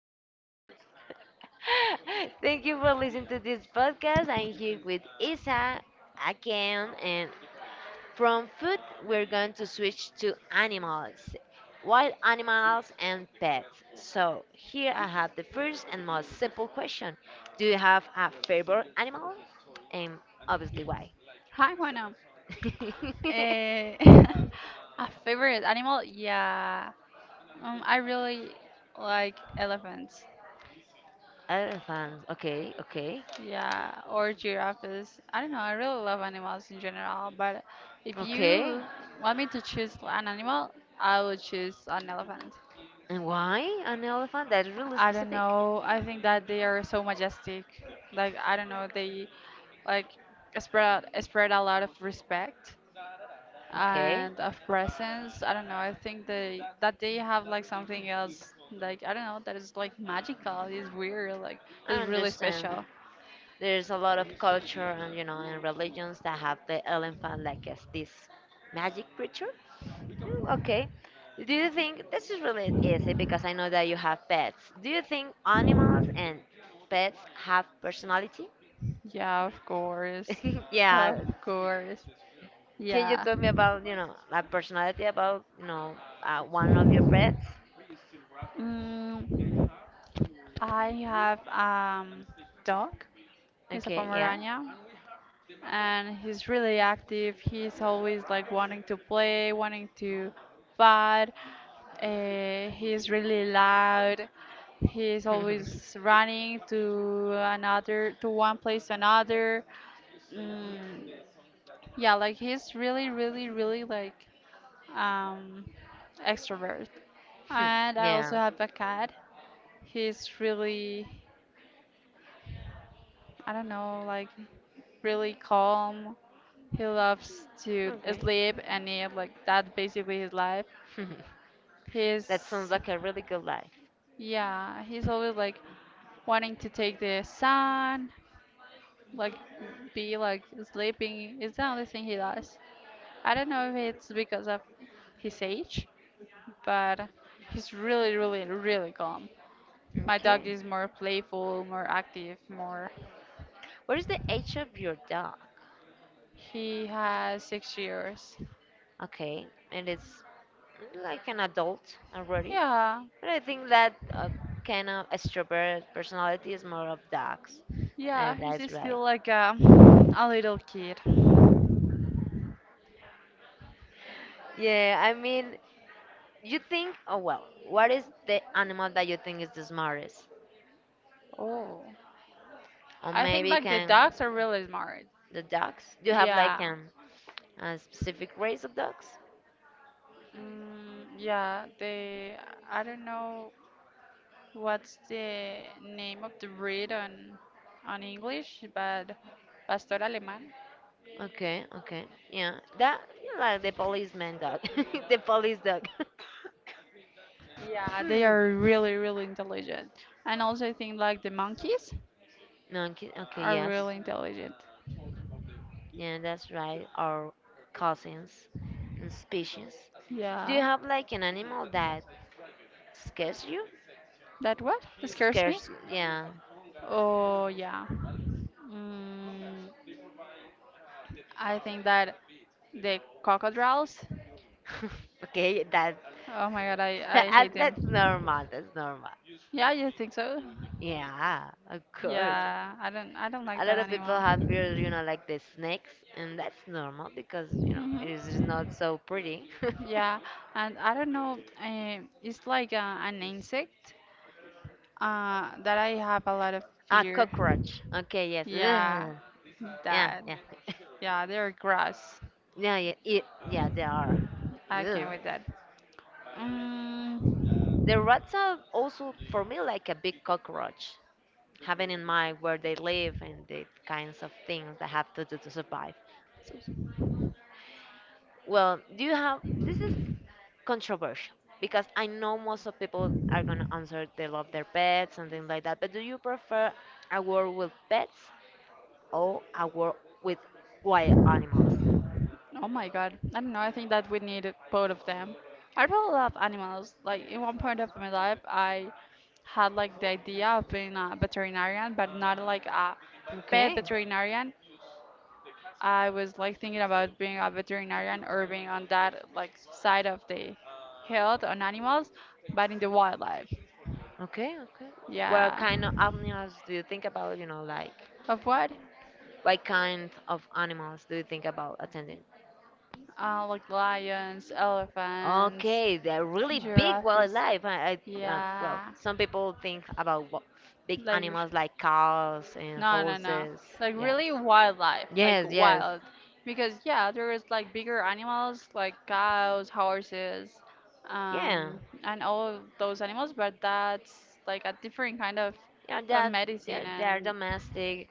I- thank you for listening to this podcast. I'm here with Isa again, and from food we're going to switch to animals, wild animals and pets. So here I have the first and most simple question: do you have a favorite animal? And obviously, why? Hi, Juana. Eh, a favorite animal? Yeah. I really like elephants. Elephants. Okay, okay, Yeah, or giraffes. I don't know. I really love animals in general, but if okay. you want me to choose an animal, I would choose an elephant. And why an elephant? That's really I don't specific. know. I think that they are so majestic. Like I don't know, they like spread a lot of respect Okay, and of presence. I don't know. I think they that they have like something else. Like I don't know. That is like magical. It's weird. Like I it's really understand. special. There's a lot of culture and you know and religions that have the elephant like as this magic creature. Mm, okay. Do you think this is really easy because I know that you have pets. Do you think animals and pets have personality? Yeah, of course, Yeah. of course. Can you Yeah. tell me about, you know, the personality about, you know, one of your pets? Mm, I have dog. It's a Okay, yeah. Pomerania. And he's really active. He's always like wanting to play, wanting to fight. He's really loud. He's always running to another, to one place to another. Mm, yeah, like he's really, really, really like um, extrovert. And I also Yeah. have a cat. He's really I don't know, like really calm. He loves to Okay. sleep and eat, like that's basically his life. He's, That sounds like a really good life. yeah, he's always like wanting to take the sun, like be like sleeping. It's the only thing he does. I don't know if it's because of his age, but he's really, really, really calm. My dog Okay. is more playful, more active, more. What is the age of your dog? He has 6 years. Okay, and it's like an adult already. Yeah, But I think that kind of extrovert personality is more of dogs. Yeah, he's That's right. still like a little kid. Yeah, I mean, you think, oh well, what is the animal that you think is the smartest? Oh, Or I think maybe like the can dogs are really smart. the dogs? Do you have like Yeah. A specific race of dogs? Yeah, they I don't know what's the name of the breed on English, but Pastor Alemán. Okay, okay, yeah, that yeah, like the policeman dog, the police dog. Yeah, they Hmm. are really, really intelligent. And also I think like the monkeys Monkey, okay, are yes. really intelligent. Yeah, that's right. Our cousins and species. Do you Yeah. have like an animal that scares you? That what? Scares me? Scares you, yeah. Oh yeah. Mm, I think that the crocodiles. Okay, Oh my god, I, I hate them. that's normal. That's normal. Yeah, you think so? Yeah, of course. Yeah, I don't like A that lot of people animal. have fear, you know, like the snakes, and that's normal because, you know, hmm it is not so pretty. Yeah, and I don't know. It's like an insect that I have a lot of A fear. cockroach. Okay, yes. Yeah, Ugh. Yeah, that. yeah. Yeah, they're grass. Yeah, yeah, they are. I Ugh. can't with that. Mm, The rats are also, for me, like a big cockroach, having in mind where they live and the kinds of things they have to do to survive. So, well, do you have this is controversial because I know most of people are gonna answer they love their pets and things like that. But do you prefer a world with pets or a world with wild animals? Oh my god. I don't know. I think that we need both of them. I really love animals. Like, in one point of my life, I had like the idea of being a veterinarian, but not like a pet Okay, veterinarian. I was like thinking about being a veterinarian or being on that like side of the health on animals, but in the wildlife. okay, okay. What Yeah. kind of animals do you think about? You know, like Of what? what kind of animals do you think about attending? Like lions, elephants, Okay, they're really big giraffes. wildlife. I well, Yeah. some people think about big Like animals like cows and no, no, no. horses. Like Yes, really wildlife, like yes, yes, wild. Because yeah, there is like bigger animals like cows, horses, yeah, um, and all of those animals, but that's like a different kind yeah. of That they're, medicine they're and domestic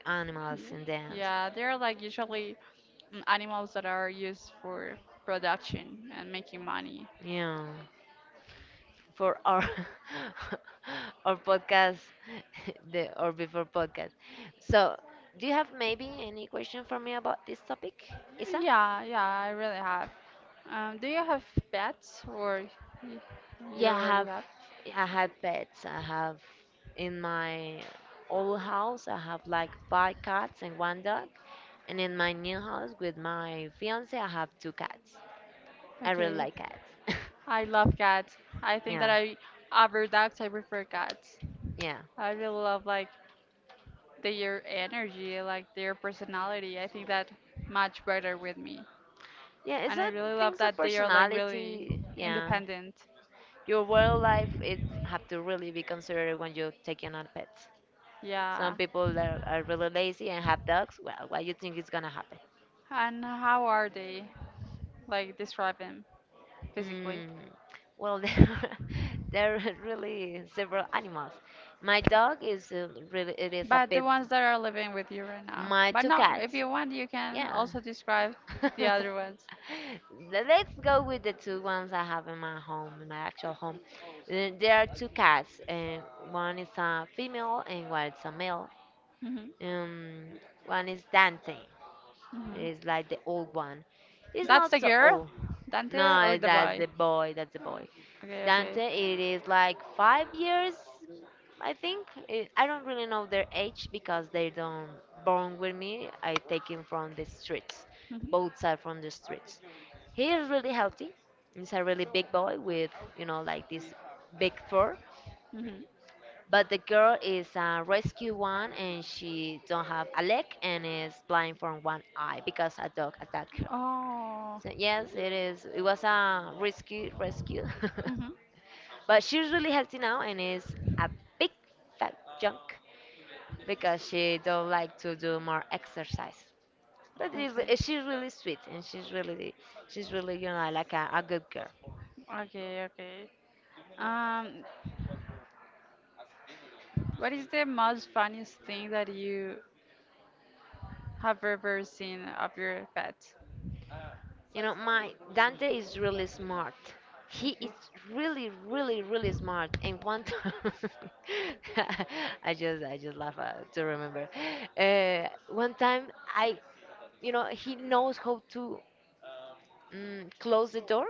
y- animals in the end. yeah, they're like usually animals that are used for production and making money. Yeah, for our our podcast, the or before podcast. So, do you have maybe any question for me about this topic, Isa? Yeah, yeah, I really have. Do you have pets or y- you Yeah, I already have have? I had pets. I have in my old house I have like five cats and one dog. And in my new house with my fiance I have two cats. I really Okay. like cats. I love cats. I think that Yeah. I over dogs I prefer cats. Yeah. I really love like their energy, like their personality. I think that much better with me. Yeah, it's And I a really love things of that they are like really personality. Yeah. independent. Your wildlife it have to really be considered when you're taking on pets. Yeah. Some people that are really lazy and have dogs, well, what you think is gonna happen? And how are they? Like describe them physically. Mm, well, there are really several animals. My dog is really, it is a But the pit. ones that are living with you right now. My But two no, if cats, you want you can yeah. also describe the Le- other ones. Let's go with the two ones I have in my home, in my actual home. There are two cats, and one is a female and one is a male. Hmm. Um, one is Dante. Hmm. It's like the old one. It's That's not the so girl, old. Dante, No, or the that's boy? the boy. Oh, okay, okay. Dante, it is like 5 years, I think. Eh, I don't really know their age because they don't born with me. I take him from the streets, Hmm. both side from the streets. He is really healthy. He's a really big boy with, you know, like this big fur. Hmm. But the girl is a rescue one, and she don't have a leg and is blind from one eye because a dog attacked her. Oh. So yes, it is. It was a risky rescue. Hmm. But she's really healthy now and is a big fat junk because she don't like to do more exercise. But she's, Okay. she's really sweet and she's really you know like a good girl. Okay, okay. Um, what is the most funniest thing that you have ever seen of your pet? You know my Dante is really smart. He Okay. is really really really smart. And one time I just laugh to remember. One time I you know he knows how to close the door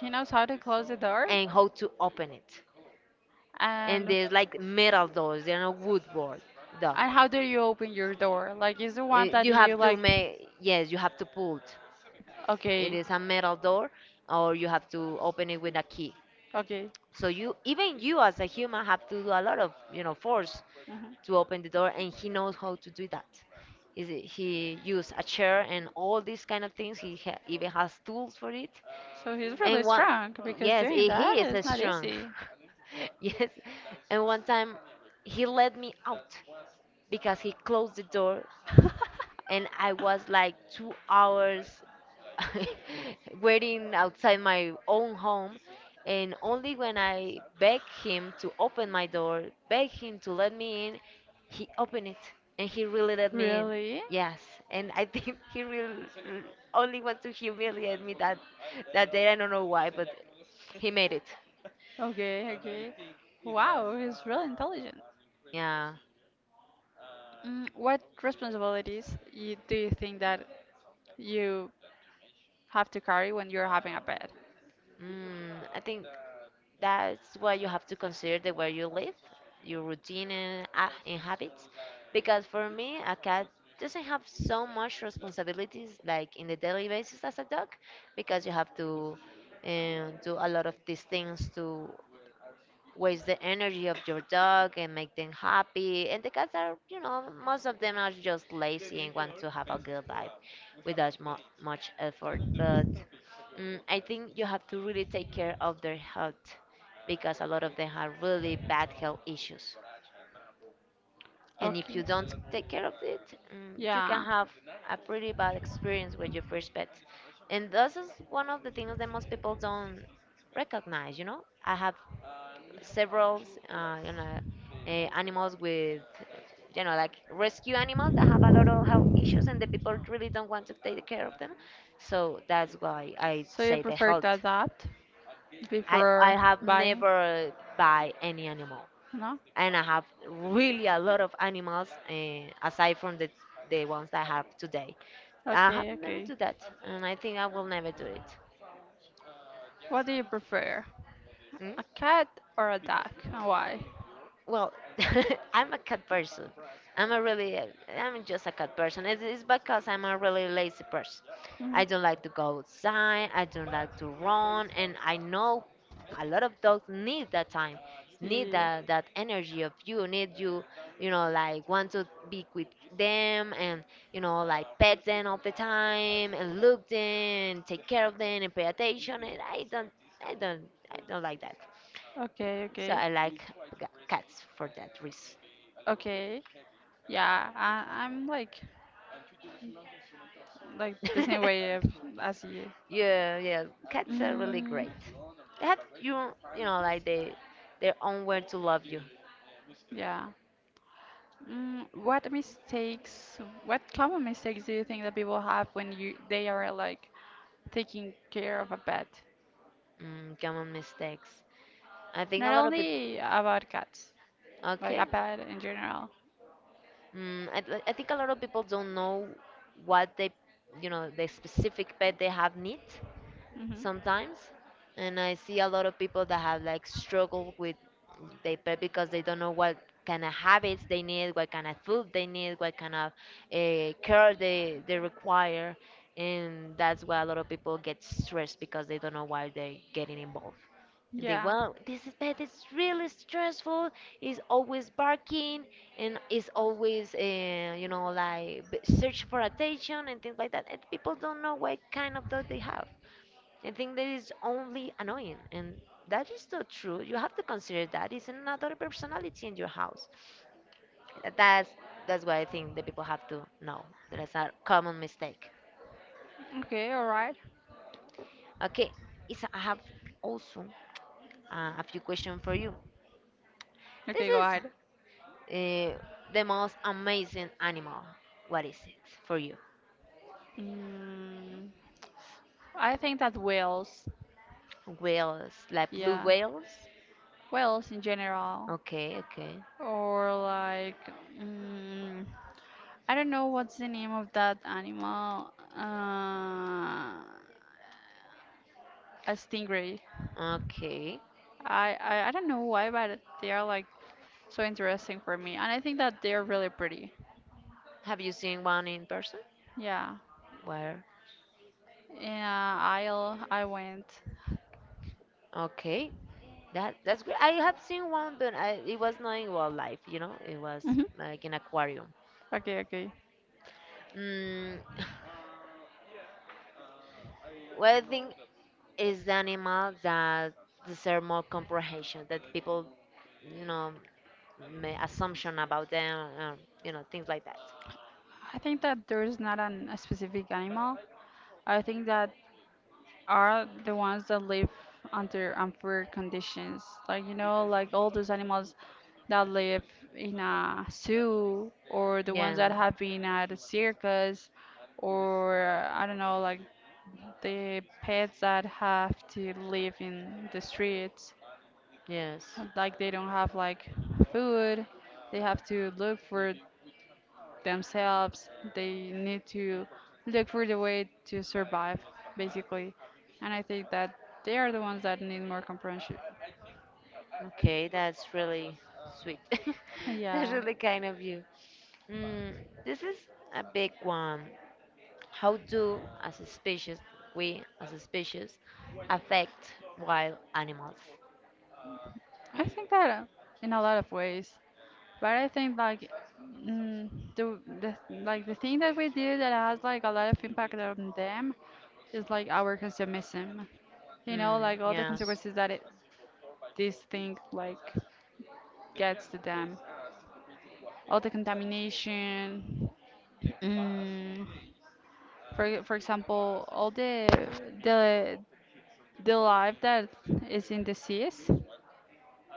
He knows how to close the door and how to open it. And and there's like metal doors. They're not wood board door. And how do you open your door? Like, is the one that you like? You have to pull. It Okay, is a metal door, or you have to open it with a key. okay. So you even you as a human have to do a lot of you know force Mhm. to open the door, and he knows how to do that. Is it, he used a chair and all these kind of things. Even has tools for it. So he's really And one strong because yes, doing eh, that he is is a not strong. easy. Yes, and one time he let me out because he closed the door and I was like 2 hours waiting outside my own home. And only when I begged him to open my door, begged him to let me in, he opened it and he really let me in. Really? Yes, and I think he really only wanted to humiliate me that day. I don't know why, but he made it. Okay, okay. Wow, he's really intelligent. Yeah. What responsibilities you, do you think that you have to carry when you're having a pet. Mm, I think that's why you have to consider the way you live, your routine and habits. Because for me, a cat doesn't have so much responsibilities like in the daily basis as a dog, because you have to do a lot of these things to waste the energy of your dog and make them happy. And the cats are, you know, most of them are just lazy and want to have a good life without mu much effort. But mm, I think you have to really take care of their health because a lot of them have really bad health issues. And if Okay. you don't take care of it, you can Yeah. have a pretty bad experience with your first pet. And this is one of the things that most people don't recognize, you know? I have several, you know, animals with, you know, like rescue animals that have a lot of health issues and the people really don't want to take care of them. So that's why I So you say the prefer to health adapt I before have buying? never buy any animal, No? and I have really a lot of animals aside from the ones I have today. I have Okay, never okay. do that, and I think I will never do it. What do you prefer? Hmm? A cat or a dog? And why? Well, I'm a cat person. i'm a really uh, I'm just a cat person. It's because I'm a really lazy person. I don't like to go outside, I don't like to run, and I know a lot of dogs need that time, need Mhm. that energy of you need you know like want to be with them and you Yeah. know like pet them all the time and look them take care of them and pay attention and i don't I don't like that. Okay, So okay. I like cats for that reason. Okay. Yeah, I, I'm like the same way of, as you. Yeah, yeah, cats are really Mm, great. They have you, you know, like they, their own way to love you. yeah. Mm, what mistakes? What common mistakes do you think that people have when you they are like taking care of a pet? Mm, common mistakes. I think a Not lot of people. only about cats, like Okay. a pet in general. Mm, I think a lot of people don't know what they, you know, the specific pet they have needs. Hmm. Sometimes and I see a lot of people that have like struggle with their pet because they don't know what kind of habits they need, what kind of food they need, what kind of care they require, and that's why a lot of people get stressed because they don't know why they're getting involved and they Yeah. well this is pet is really stressful, is always barking, and is always you know like search for attention and things like that, and people don't know what kind of dog they have. I think that is only annoying and that is not true, you have to consider that is another personality in your house. Th- that's that's what I think the people have to know. That's a common mistake. Okay, all right. Okay Isa, I have also a few questions for you. This Okay, go is ahead. uh, the most amazing animal. What is it for you? Mm, I think that whales, Whales like blue yeah, whales. whales in general, Okay, okay, or like, mm, I don't know what's the name of that animal. Uh, a stingray. okay. I don't know why, but they are like so interesting for me, and I think that they are really pretty. Have you seen one in person? Yeah, Where? in a aisle I went. Okay. That that's great. I have seen one, but I, it was not in wildlife. You know, it was Mhm. like an aquarium. Okay, okay. Mm, what I think is the animal that deserve more comprehension. That people, you know, make assumption about them. You know, things like that. I think that there's not a specific animal. I think that are the ones that live under unfair conditions. Like, you know, like all those animals that live in a zoo or the ones Yeah. that have been at a circus or I don't know, like the pets that have to live in the streets. Yes. Like they don't have like food. They have to look for themselves. They need to look for the way to survive, basically. And I think that they are the ones that need more comprehension. Okay, that's really sweet. That's Yeah, really kind of you. Mm, this is a big one. How do, as a species, We as a species affect wild animals? I think that in a lot of ways. But I think like mm, the like the thing that we do that has like a lot of impact on them is like our consumerism. You know, Mm, like all the yes, consequences that it, this thing like gets to them, all the contamination, Mm, for example, all the the the life that is in the seas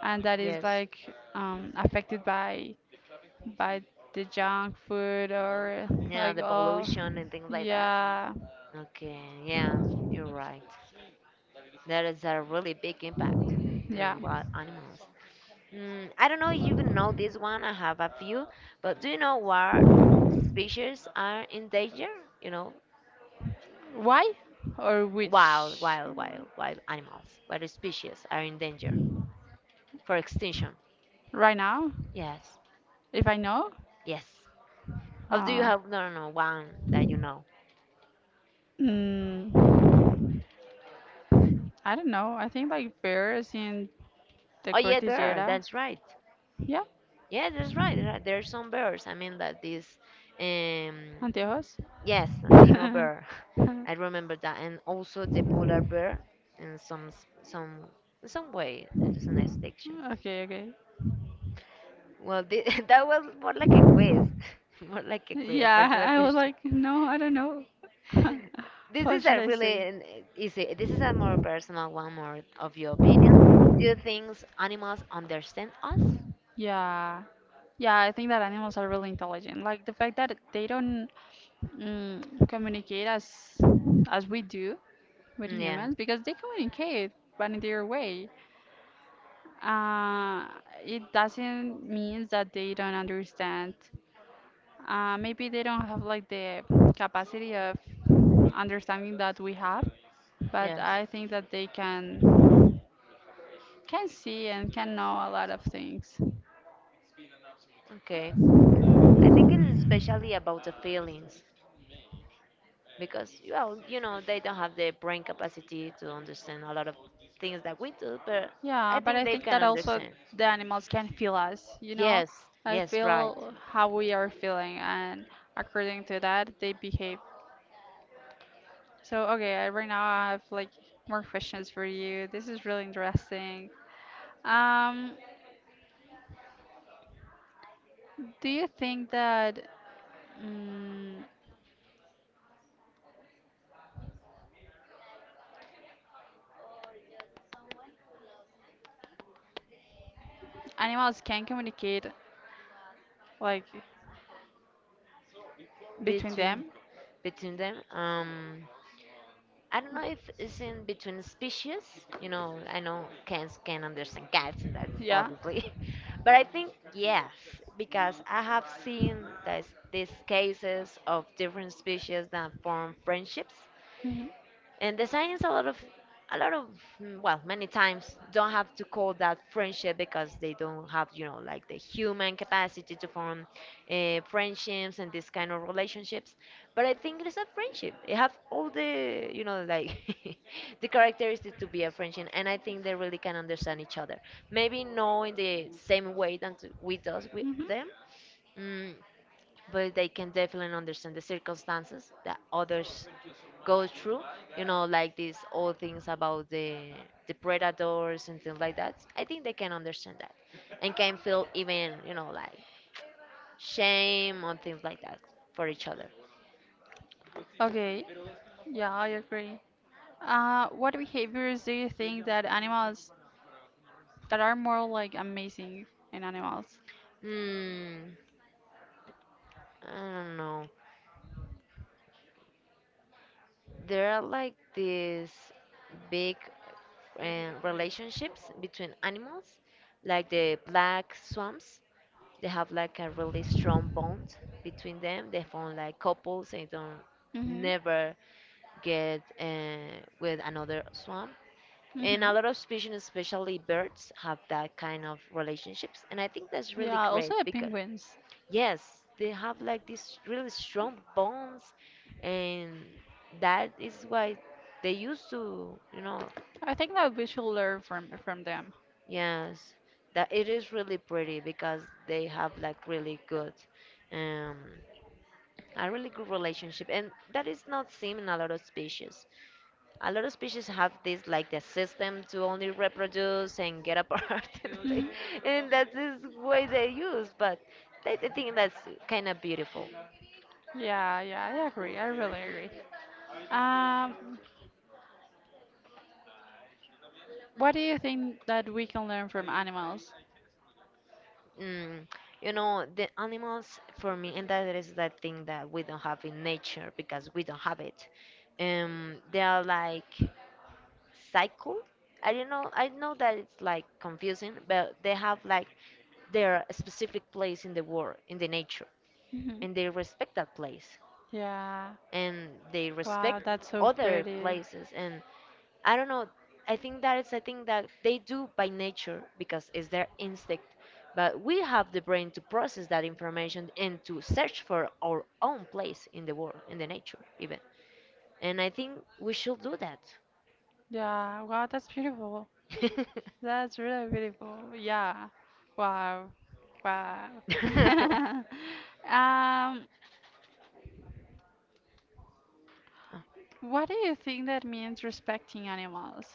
and that is yes. like affected by the junk food or Yeah, like the oh pollution and things like that. yeah Okay, yeah, you're right. That is a really big impact yeah on wild animals. Mm, I don't know if you know this one, I have a few, but do you know what species are in danger? You know, why or wild, which wild, wild, wild animals. What species are in danger for extinction? right now Yes, if I know? yes. Or do you Uh, have no one that you know? mm, I don't know. I think like bears in the Oh yeah, bear. Cordillera. That's right. Yeah, Yeah, that's right. There are some bears. I mean that this, um, anteojos. yes, Andino bear. I remember that, and also the polar bear in some s- some in some way it is an extinction. Okay, okay. Well, that was more like a quiz, more like a quiz, a Yeah, personal I was question. like, no, I don't know. This What is should a I really say? an- Easy. This is a more personal one, more of your opinion. Do you think animals understand us? Yeah. Yeah, I think that animals are really intelligent. Like the fact that they don't communicate as we do with Yeah, humans because they communicate but in their way uh, it doesn't mean that they don't understand maybe they don't have like the capacity of understanding that we have but yes. I think that they can see and can know a lot of things. Okay. I think it is especially about the feelings because, well, you know, they don't have the brain capacity to understand a lot of things that we do, but I Yeah, but think I they think can that also understand. the animals can feel us, you know? Yes, I yes, right. feel how we are feeling, and according to that, they behave. So, okay, I, right now I have like more questions for you. This is really interesting. Um, do you think that mm, animals can communicate like between Between them? Between them, I don't know if it's in between species. You know, I know cats can understand cats, and that's Yeah. obviously. But I think yes, because I have seen these cases of different species that form friendships, Mhm. and the science a lot of mm, well, many times don't have to call that friendship because they don't have, you know, like the human capacity to form friendships and this kind of relationships. But I think it is a friendship. It have all the, you know, like the characteristics to be a friendship, and I think they really can understand each other, maybe not in the same way that we does with Mhm. them. Mm, but they can definitely understand the circumstances that others go through. You know, like these old things about the predators and things like that. I think they can understand that, and can feel even, you know, like shame or things like that for each other. Okay. Yeah, I agree. What behaviors do you think that animals that are more like amazing in animals? Hmm, I don't know. There are like these big relationships between animals, like the black swans. They have like a really strong bond between them. They form like couples. They don't Mm-hmm. never get with another swan. And Mm-hmm. a lot of species, especially birds, have that kind of relationships. And I think that's really Yeah, great also the because penguins. yes, they have like these really strong bonds, and that is why they used to, you know, I think that we should learn from them. yes, that it is really pretty because they have like really good. Um, a really good relationship, and that is not seen in a lot of species. A lot of species have this like the system to only reproduce and get apart and, like, Hmm. and that's this way they use. But I think that's kind of beautiful. Yeah, yeah, I agree. I really agree. Um, what do you think that we can learn from animals? Mm, you know, the animals for me and that is that thing that we don't have in nature because we don't have it, they are like cycle. I don't know. I know that it's like confusing, but they have like their specific place in the world, in the nature, Hmm. and they respect that place, Yeah. and they respect Wow, that's so other pretty. places. And I don't know. I think that is. I think that they do by nature because it's their instinct. But we have the brain to process that information and to search for our own place in the world, in the nature, even. And I think we should do Yeah, wow, that's beautiful. That's really beautiful. Yeah. Wow. Wow. that. Um, what do you think that means respecting animals?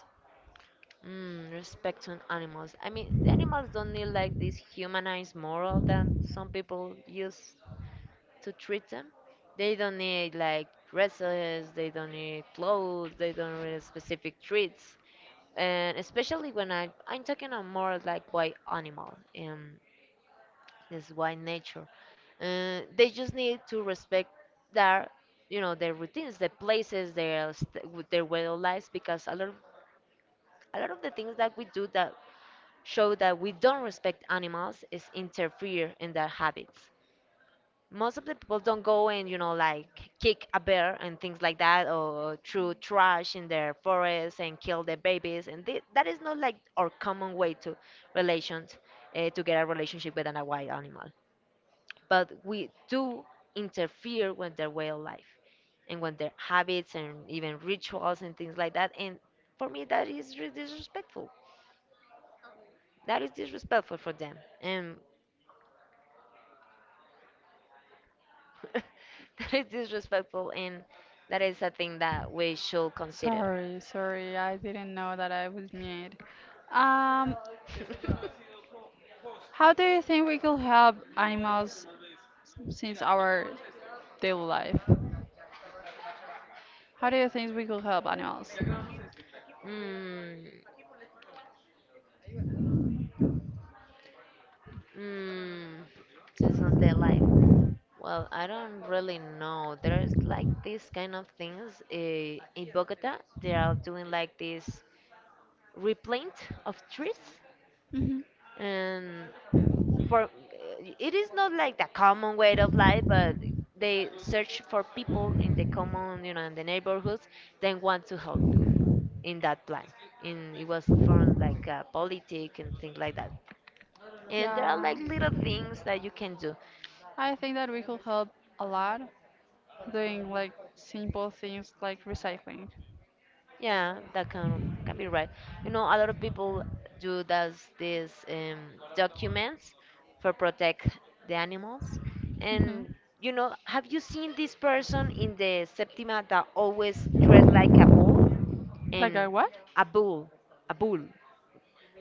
Mm, respect to animals. I mean, the animals don't need like this humanized moral that some people use to treat them. They don't need like dresses, they don't need clothes, they don't need specific treats. And especially when I'm talking on more like by animal and this why nature. They just need to respect their, you know, their routines, their places, their with their way of life, because a lot of the things that we do that show that we don't respect animals is interfere in their habits. Most of the people don't go and, you know, like kick a bear and things like that, or throw trash in their forests and kill their babies, and that is not like our common way to relations to get a relationship with an a wild animal. But we do interfere with their way of life and with their habits and even rituals and things like that. And for me, that is disrespectful. That is disrespectful for them. And that is disrespectful and that is a thing that we should consider. Sorry, sorry, I didn't know that I was mute. Um, how do you think we could help animals since our daily life? How do you think we could help animals? mm, mm, just not their life. Well, I don't really know. There's like these kind of things in Bogota. They are doing like this replant of trees, Hmm. and for it is not like the common way of life, but they search for people in the common, you know, in the neighborhoods, then want to help in that plan. And it was from like politic and things like that, and there are Yeah. like little things that you can do. I think that we could help a lot doing like simple things like recycling. Yeah, that can be right. You know, a lot of people do does these documents for protect the animals. Hmm. And, you know, have you seen this person in the septima that always dressed like a bull? Like a And what? a bull, a bull,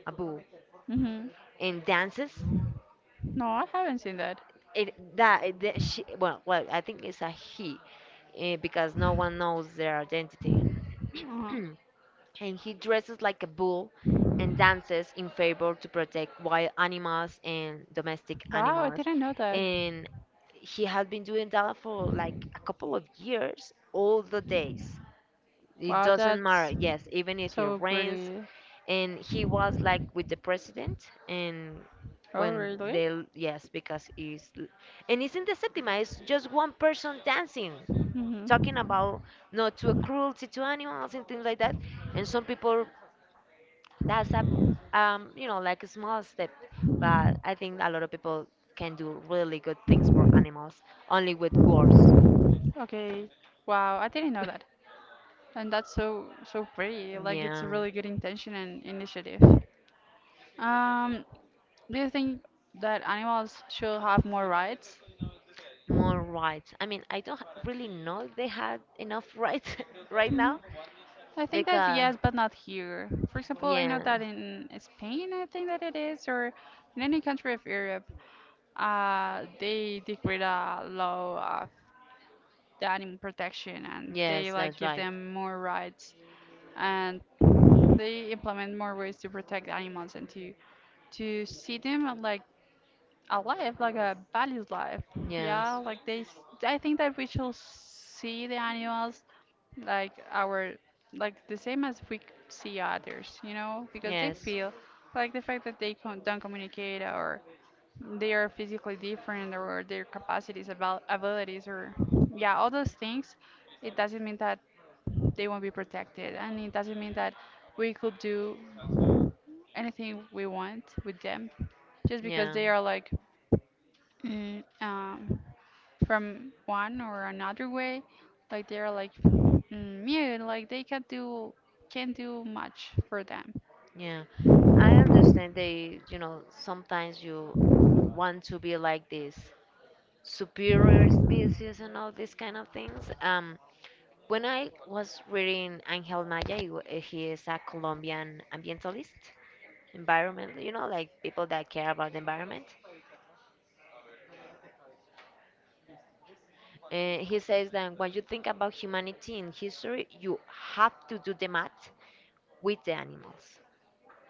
a bull. Hmm. And dances. No, I haven't seen that. It that she, well, well, I think it's a he, because no one knows their identity. Uh-huh. And he dresses like a bull and dances in favor to protect wild animals and domestic Wow, I animals. didn't know that. And he has been doing that for like a couple of years, all the days. It Wow, doesn't matter, that's yes, even if it so rains. pretty. And he was like with the president and Oh, when they really? Yes, because he's and it's in the septima, it's just one person dancing, Mhm. talking about not to a cruelty to animals and things like that. And some people, that's a, you know, like a small step, but I think a lot of people can do really good things for animals, only with words. Okay. Wow, I didn't know that. And that's so so pretty. Like it's a Yeah, really good intention and initiative. Um, do you think that animals should have more rights? more rights. I mean, I don't really know if they had enough rights right now, Mhm. I think that because yes, but not here. For example, I know yeah. that in Spain, I think that it is, or in any country of Europe, uh, they decreed a law of the animal protection and they Yes, like that's give right. them more rights and they implement more ways to protect animals and to see them like alive, like a valued life. Yeah, Yes, like they. I think that we should see the animals like our like the same as we see others, you know, because they yes, feel like the fact that they don't communicate or they are physically different or their capacities about abilities or yeah all those things it doesn't mean that they won't be protected and it doesn't mean that we could do anything we want with them just because yeah, they are like mm, um, from one or another way like they are like mute like they can't do much for them. yeah. I understand they, you know, sometimes you want to be like this superior species and all these kind of things. When I was reading Angel Maya, he is a Colombian ambientalist, environmental, you know, like people that care about the environment. He says that when you think about humanity in history, you have to do the math with the animals,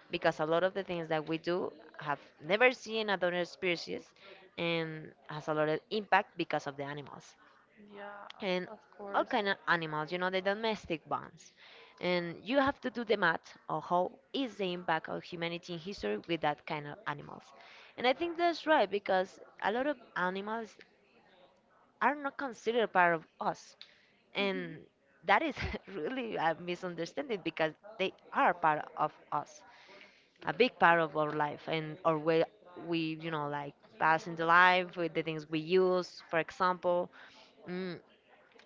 because a lot of the things that we do have never seen at other species, and has a lot of impact because of the animals, Yeah, and of all course. kind of animals, you know, the domestic ones. And you have to do the math of how is the impact of humanity in history with that kind of animals. And I think that's right because a lot of animals are not considered part of us, and that is really a misunderstanding because they are part of us, a big part of our life and our way we, you know, like pass in the life with the things we use, for example. Mm.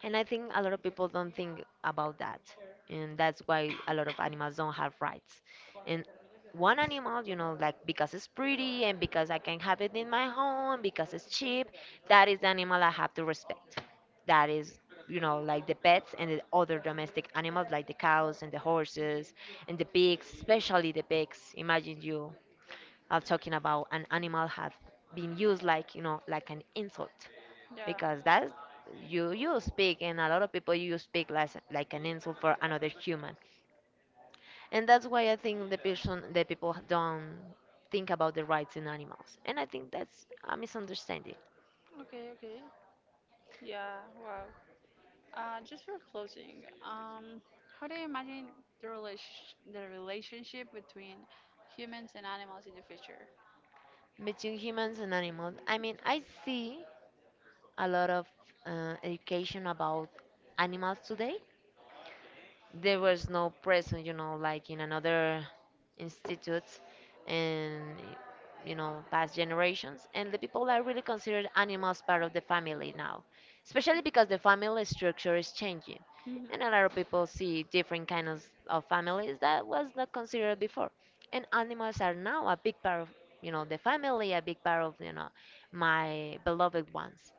And I think a lot of people don't think about that. And that's why a lot of animals don't have rights. And one animal, you know, like because it's pretty and because I can have it in my home, because it's cheap, that is the animal I have to respect. That is, you know, like the pets and the other domestic animals, like the cows and the horses and the pigs, especially the pigs. Imagine you are talking about an animal have been used like, you know, like an insult, Yeah. because that's you, you speak, and a lot of people you speak like an insult for another human. And that's why I think the people don't think about the rights in animals, and I think that's a misunderstanding. Okay, okay. Yeah, wow. Just for closing, how do you imagine the relation the relationship between humans and animals in the future? Between humans and animals, I mean, I see a lot of education about animals today. There was no present, you know, like in another institutes, and, you know, past generations. And the people are really considered animals part of the family now, especially because the family structure is changing. Mhm. And a lot of people see different kinds of families that was not considered before. And animals are now a big part of, you know, the family, a big part of, you know, my beloved ones.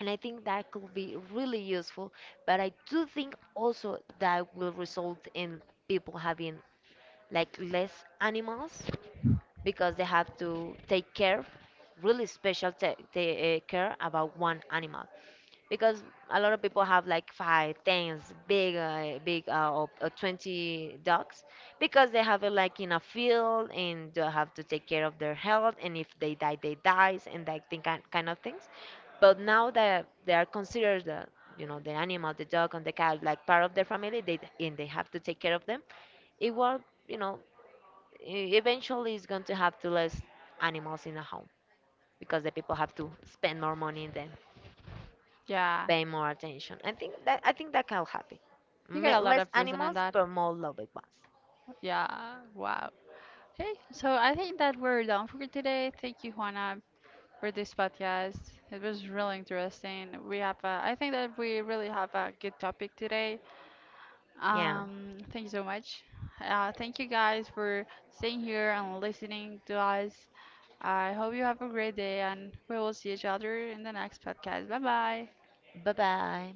And I think that could be really useful. But I do think also that will result in people having like less animals, because they have to take care, really special care about one animal, because a lot of people have like five, tens, big, big, or 20 dogs, because they have it like in a field and they have to take care of their health, and if they die, they dies, and that thing kind of things. But now that they are considered the, you know, the animal, the dog and the cat, like part of their family, they and they have to take care of them. It will, you know, eventually is going to have to less animals in a home, because the people have to spend more money in them, Yeah, pay more attention. I think that can happen. you got a lot Less of reason on animals, that. but more loving ones. Yeah, wow. Hey, so I think that we're done for today. Thank you, Juana, for this podcast. It was really interesting. We have, a, I think that we really have a good topic today. Yeah. Thank you so much. Thank you guys for staying here and listening to us. I hope you have a great day, and we will see each other in the next podcast. Bye bye. Bye bye.